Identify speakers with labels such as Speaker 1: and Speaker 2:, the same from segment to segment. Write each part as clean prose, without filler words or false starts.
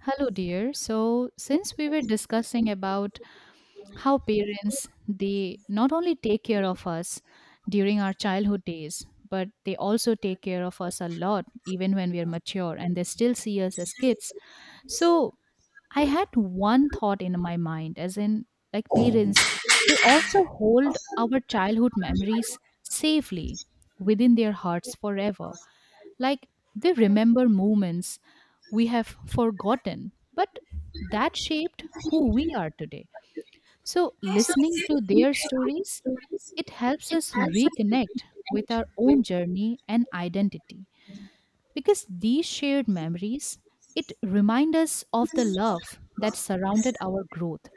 Speaker 1: Hello, dear. So, since we were discussing about how parents they not only take care of us during our childhood days, but they also take care of us a lot even when we are mature and they still see us as kids. So, I had one thought in my mind as in like parents, they also hold our childhood memories safely within their hearts forever. Like they remember moments we have forgotten, but that shaped who we are today. So, listening to their stories, it helps us reconnect with our own journey and identity because these shared memories it remind us of the love that surrounded our growth.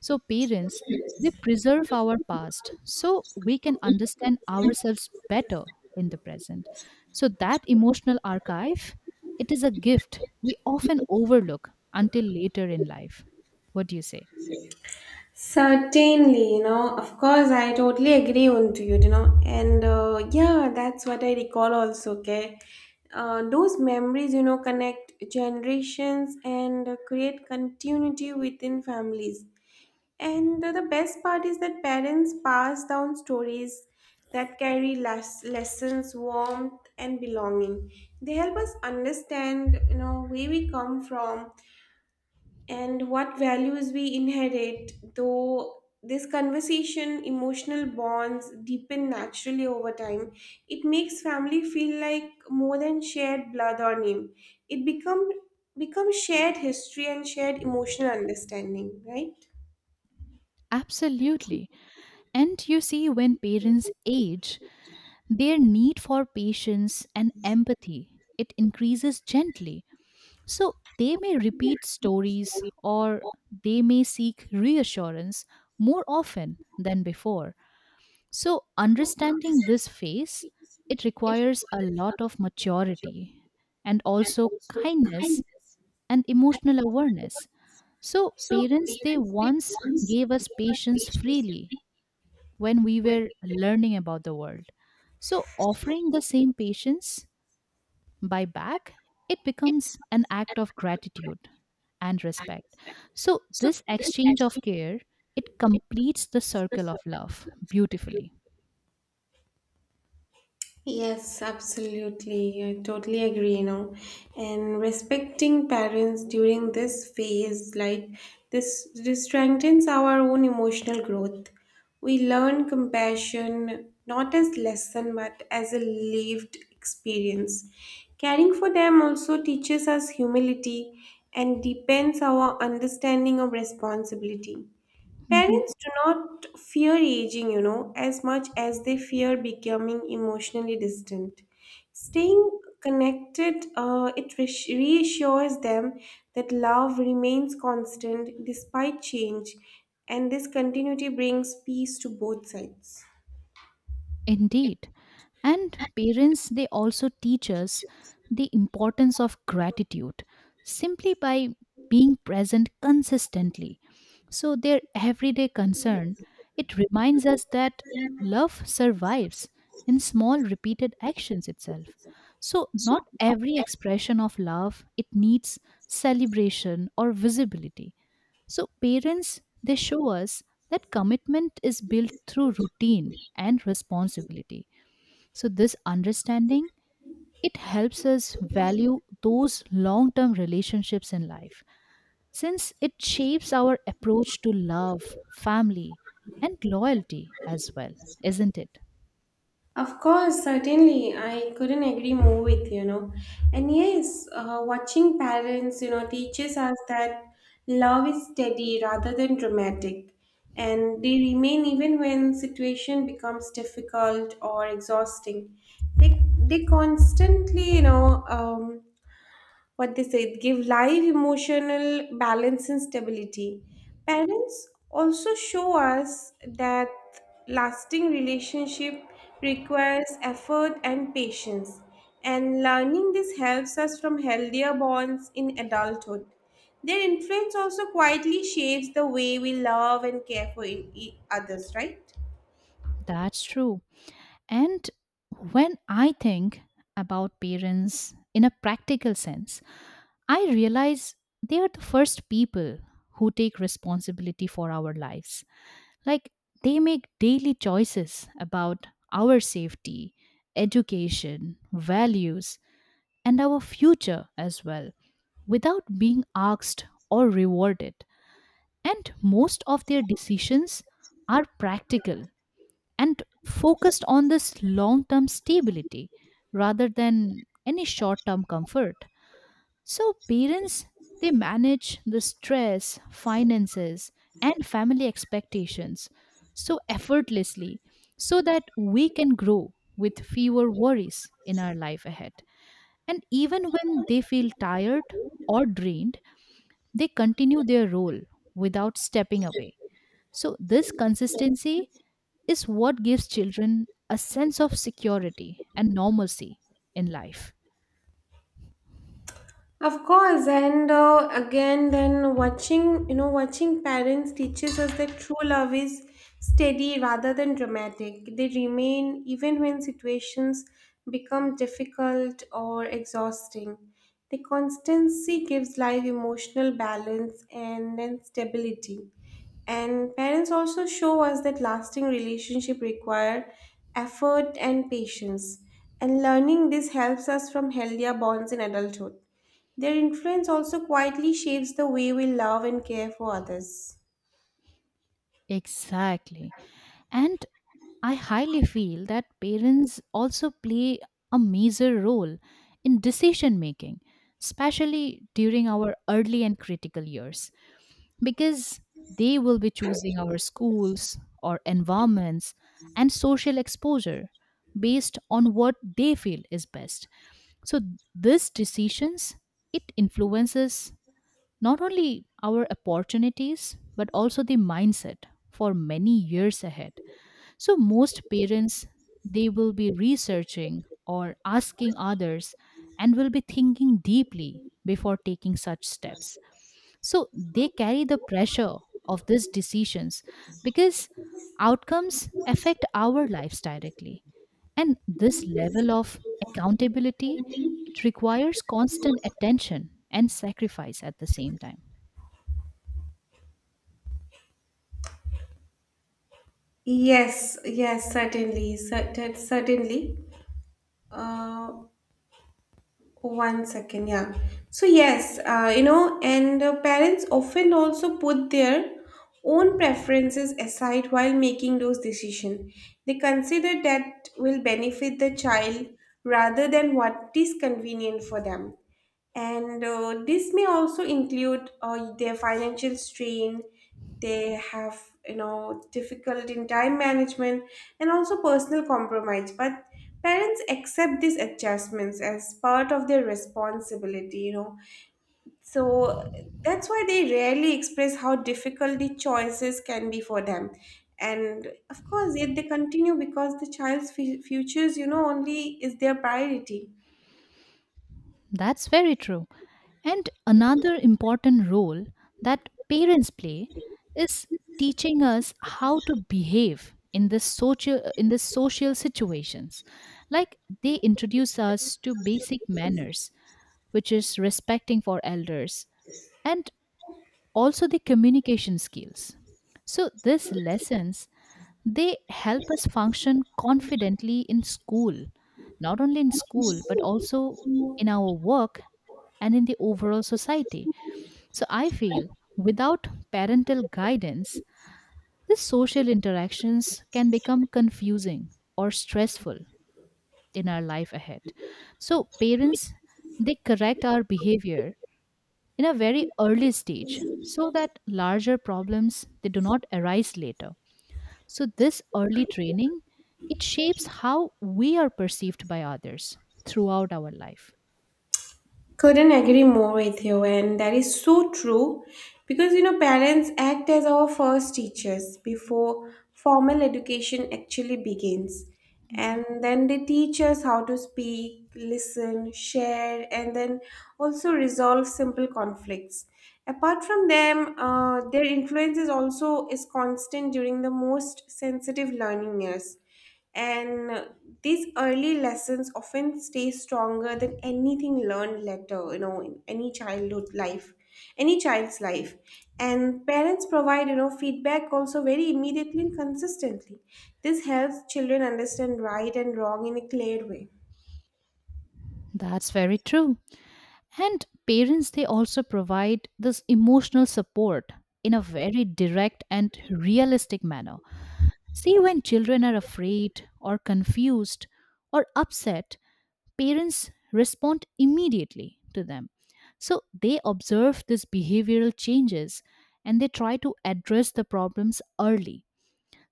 Speaker 1: So, parents, they preserve our past so we can understand ourselves better in the present. So, that emotional archive, it is a gift we often overlook until later in life. What do you say?
Speaker 2: Certainly, of course, I totally agree on to you, and yeah, that's what I recall also, okay? Those memories, connect generations and create continuity within families. And the best part is that parents pass down stories that carry less lessons, warmth, and belonging. They help us understand where we come from and what values we inherit, though this conversation, emotional bonds deepen naturally over time. It makes family feel like more than shared blood or name. It becomes shared history and shared emotional understanding, right?
Speaker 1: Absolutely. And you see, when parents age, their need for patience and empathy it increases gently. So they may repeat stories or they may seek reassurance more often than before. So understanding this phase, it requires a lot of maturity and also kindness and emotional awareness. So parents they once gave us patience freely when we were learning about the world. So offering the same patience by back, it becomes an act of gratitude and respect. So this exchange of care, it completes the circle of love beautifully.
Speaker 2: Yes, absolutely. I totally agree. And respecting parents during this phase, like this strengthens our own emotional growth. We learn compassion not as lesson but as a lived experience. Caring for them also teaches us humility and deepens our understanding of responsibility.
Speaker 1: Mm-hmm.
Speaker 2: Parents do not fear aging, as much as they fear becoming emotionally distant. Staying connected, it reassures them that love remains constant despite change, and this continuity brings peace to both sides.
Speaker 1: Indeed. And parents, they also teach us the importance of gratitude simply by being present consistently. So, their everyday concern, it reminds us that love survives in small repeated actions itself. So, not every expression of love, it needs celebration or visibility. So, parents, they show us that commitment is built through routine and responsibility. So, this understanding it helps us value those long-term relationships in life since it shapes our approach to love, family, and loyalty as well, isn't it?
Speaker 2: Of course, certainly, I couldn't agree more with. And yes, watching parents teaches us that love is steady rather than dramatic, and they remain even when situation becomes difficult or exhausting. They constantly, what they say it give live emotional balance and stability. Parents also show us that lasting relationship requires effort and patience, and learning this helps us from healthier bonds in adulthood. Their influence also quietly shapes the way we love and care for others, right?
Speaker 1: That's true. And when I think about parents in a practical sense, I realize they are the first people who take responsibility for our lives. Like they make daily choices about our safety, education, values, and our future as well without being asked or rewarded. And most of their decisions are practical and focused on this long term stability rather than any short term comfort. So parents they manage the stress, finances and family expectations so effortlessly so that we can grow with fewer worries in our life ahead. And even when they feel tired or drained, they continue their role without stepping away. So this consistency is what gives children a sense of security and normalcy in life.
Speaker 2: Of course, and again, then watching parents teaches us that true love is steady rather than dramatic. They remain even when situations become difficult or exhausting. The constancy gives life emotional balance and then stability. And parents also show us that lasting relationship require effort and patience. And learning this helps us from healthier bonds in adulthood. Their influence also quietly shapes the way we love and care for others.
Speaker 1: Exactly. And I highly feel that parents also play a major role in decision making, especially during our early and critical years, because they will be choosing our schools or environments and social exposure based on what they feel is best. So these decisions it influences not only our opportunities but also the mindset for many years ahead. So most parents they will be researching or asking others and will be thinking deeply before taking such steps. So they carry the pressure of these decisions because outcomes affect our lives directly. And this level of accountability it requires constant attention and sacrifice at the same time.
Speaker 2: Yes, yes, certainly, certainly. Uh, One second, yeah. So yes, and parents often also put their own preferences aside while making those decisions. They consider that will benefit the child rather than what is convenient for them. And this may also include their financial strain, they have, difficult in time management and also personal compromise. But parents accept these adjustments as part of their responsibility. So that's why they rarely express how difficult the choices can be for them. And of course, yet they continue because the child's futures, only is their priority.
Speaker 1: That's very true. And another important role that parents play is teaching us how to behave in this social situations. Like they introduce us to basic manners, which is respecting for elders, and also the communication skills. So these lessons they help us function confidently in school, not only in school but also in our work and in the overall society. So I feel without parental guidance, these social interactions can become confusing or stressful in our life ahead. So parents they correct our behavior in a very early stage so that larger problems they do not arise later. So this early training it shapes how we are perceived by others throughout our life.
Speaker 2: Couldn't agree more with you, and that is so true because parents act as our first teachers before formal education actually begins, and then they teach us how to speak, listen, share, and then also resolve simple conflicts. Apart from them, their influence is also is constant during the most sensitive learning years and these early lessons often stay stronger than anything learned later, in any childhood life, any child's life. And parents provide feedback also very immediately and consistently. This helps children understand right and wrong in a clear way.
Speaker 1: That's very true. And parents, they also provide this emotional support in a very direct and realistic manner. See, when children are afraid or confused or upset, parents respond immediately to them. So they observe these behavioral changes and they try to address the problems early.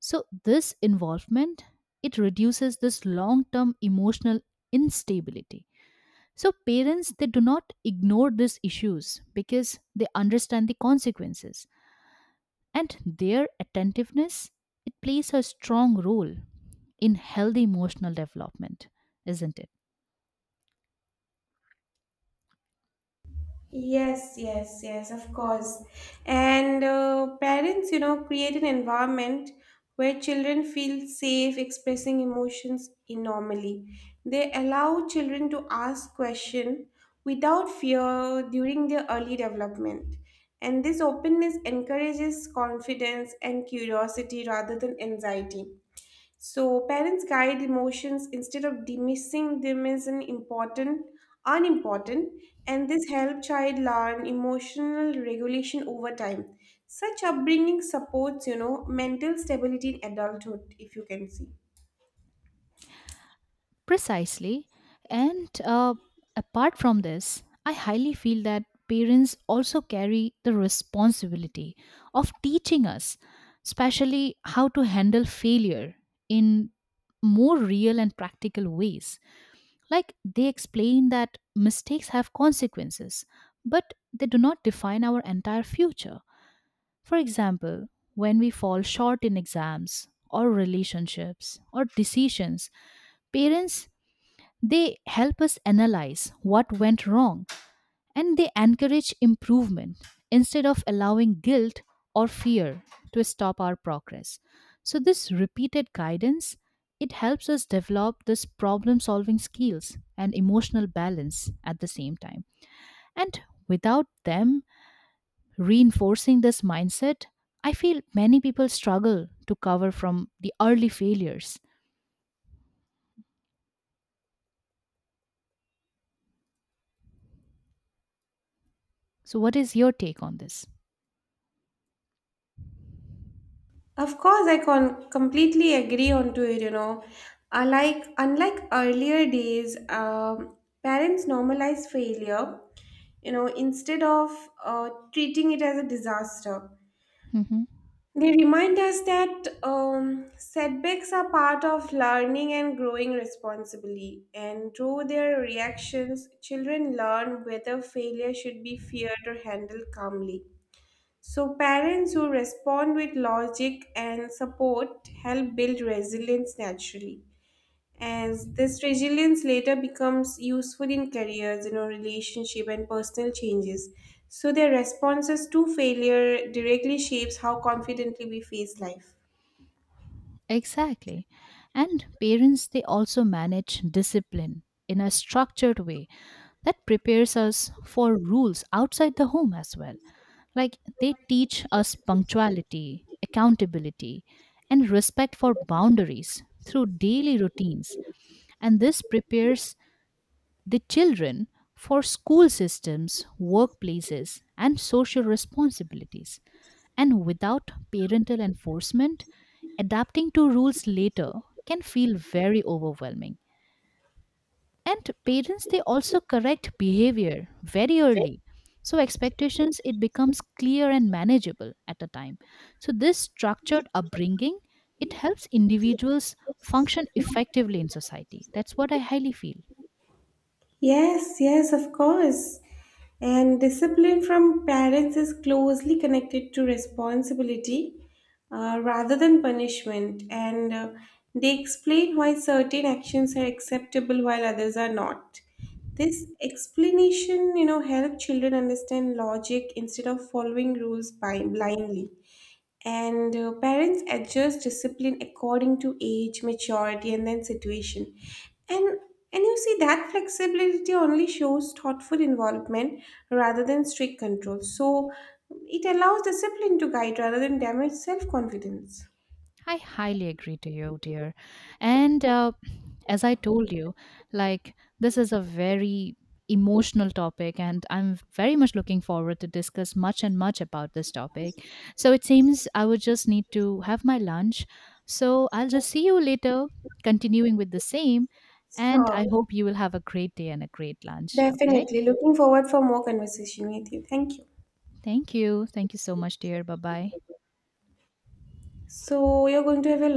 Speaker 1: So this involvement it reduces this long-term emotional instability. So parents they do not ignore these issues because they understand the consequences and their attentiveness it plays a strong role in healthy emotional development, isn't it?
Speaker 2: Yes, yes, yes, of course. And parents create an environment where children feel safe expressing emotions normally. They allow children to ask questions without fear during their early development. And this openness encourages confidence and curiosity rather than anxiety. So parents guide emotions instead of dismissing them as an important, unimportant, and this help child learn emotional regulation over time. Such upbringing supports mental stability in adulthood, if you can see.
Speaker 1: Precisely. And apart from this, I highly feel that parents also carry the responsibility of teaching us, especially how to handle failure in more real and practical ways. Like they explain that mistakes have consequences, but they do not define our entire future. For example, when we fall short in exams or relationships or decisions, parents they help us analyze what went wrong and they encourage improvement instead of allowing guilt or fear to stop our progress. So this repeated guidance it helps us develop this problem solving skills and emotional balance at the same time. And without them reinforcing this mindset, I feel many people struggle to cover from the early failures. So what is your take on this?
Speaker 2: Of course, I can completely agree onto it. Unlike earlier days, parents normalize failure. You know, instead of treating it as a disaster.
Speaker 1: Mm-hmm.
Speaker 2: They remind us that setbacks are part of learning and growing responsibly, and through their reactions, children learn whether failure should be feared or handled calmly. So, parents who respond with logic and support help build resilience naturally, as this resilience later becomes useful in careers, relationship and personal changes. So their responses to failure directly shapes how confidently we face life.
Speaker 1: Exactly. And parents, they also manage discipline in a structured way that prepares us for rules outside the home as well. Like they teach us punctuality, accountability, and respect for boundaries through daily routines. And this prepares the children for school systems, workplaces, and social responsibilities. And without parental enforcement, adapting to rules later can feel very overwhelming. And parents, they also correct behavior very early. So expectations, it becomes clear and manageable at a time. So this structured upbringing, it helps individuals function effectively in society. That's what I highly feel.
Speaker 2: Yes, yes, of course. And discipline from parents is closely connected to responsibility rather than punishment. And they explain why certain actions are acceptable while others are not. This explanation help children understand logic instead of following rules blindly. And parents adjust discipline according to age, maturity, and then situation. And and you see that flexibility only shows thoughtful involvement rather than strict control. So it allows discipline to guide rather than damage self-confidence.
Speaker 1: I highly agree to you, dear. And as I told you, like this is a very emotional topic, and I'm very much looking forward to discuss much and much about this topic. So it seems I would just need to have my lunch. So I'll just see you later, continuing with the same. And
Speaker 2: Sure.
Speaker 1: I hope you will have a great day and a great lunch. Okay.
Speaker 2: Definitely. Looking forward for more conversation with you. Thank you.
Speaker 1: Thank you. Thank you so much, dear. Bye bye.
Speaker 2: So you're going to have a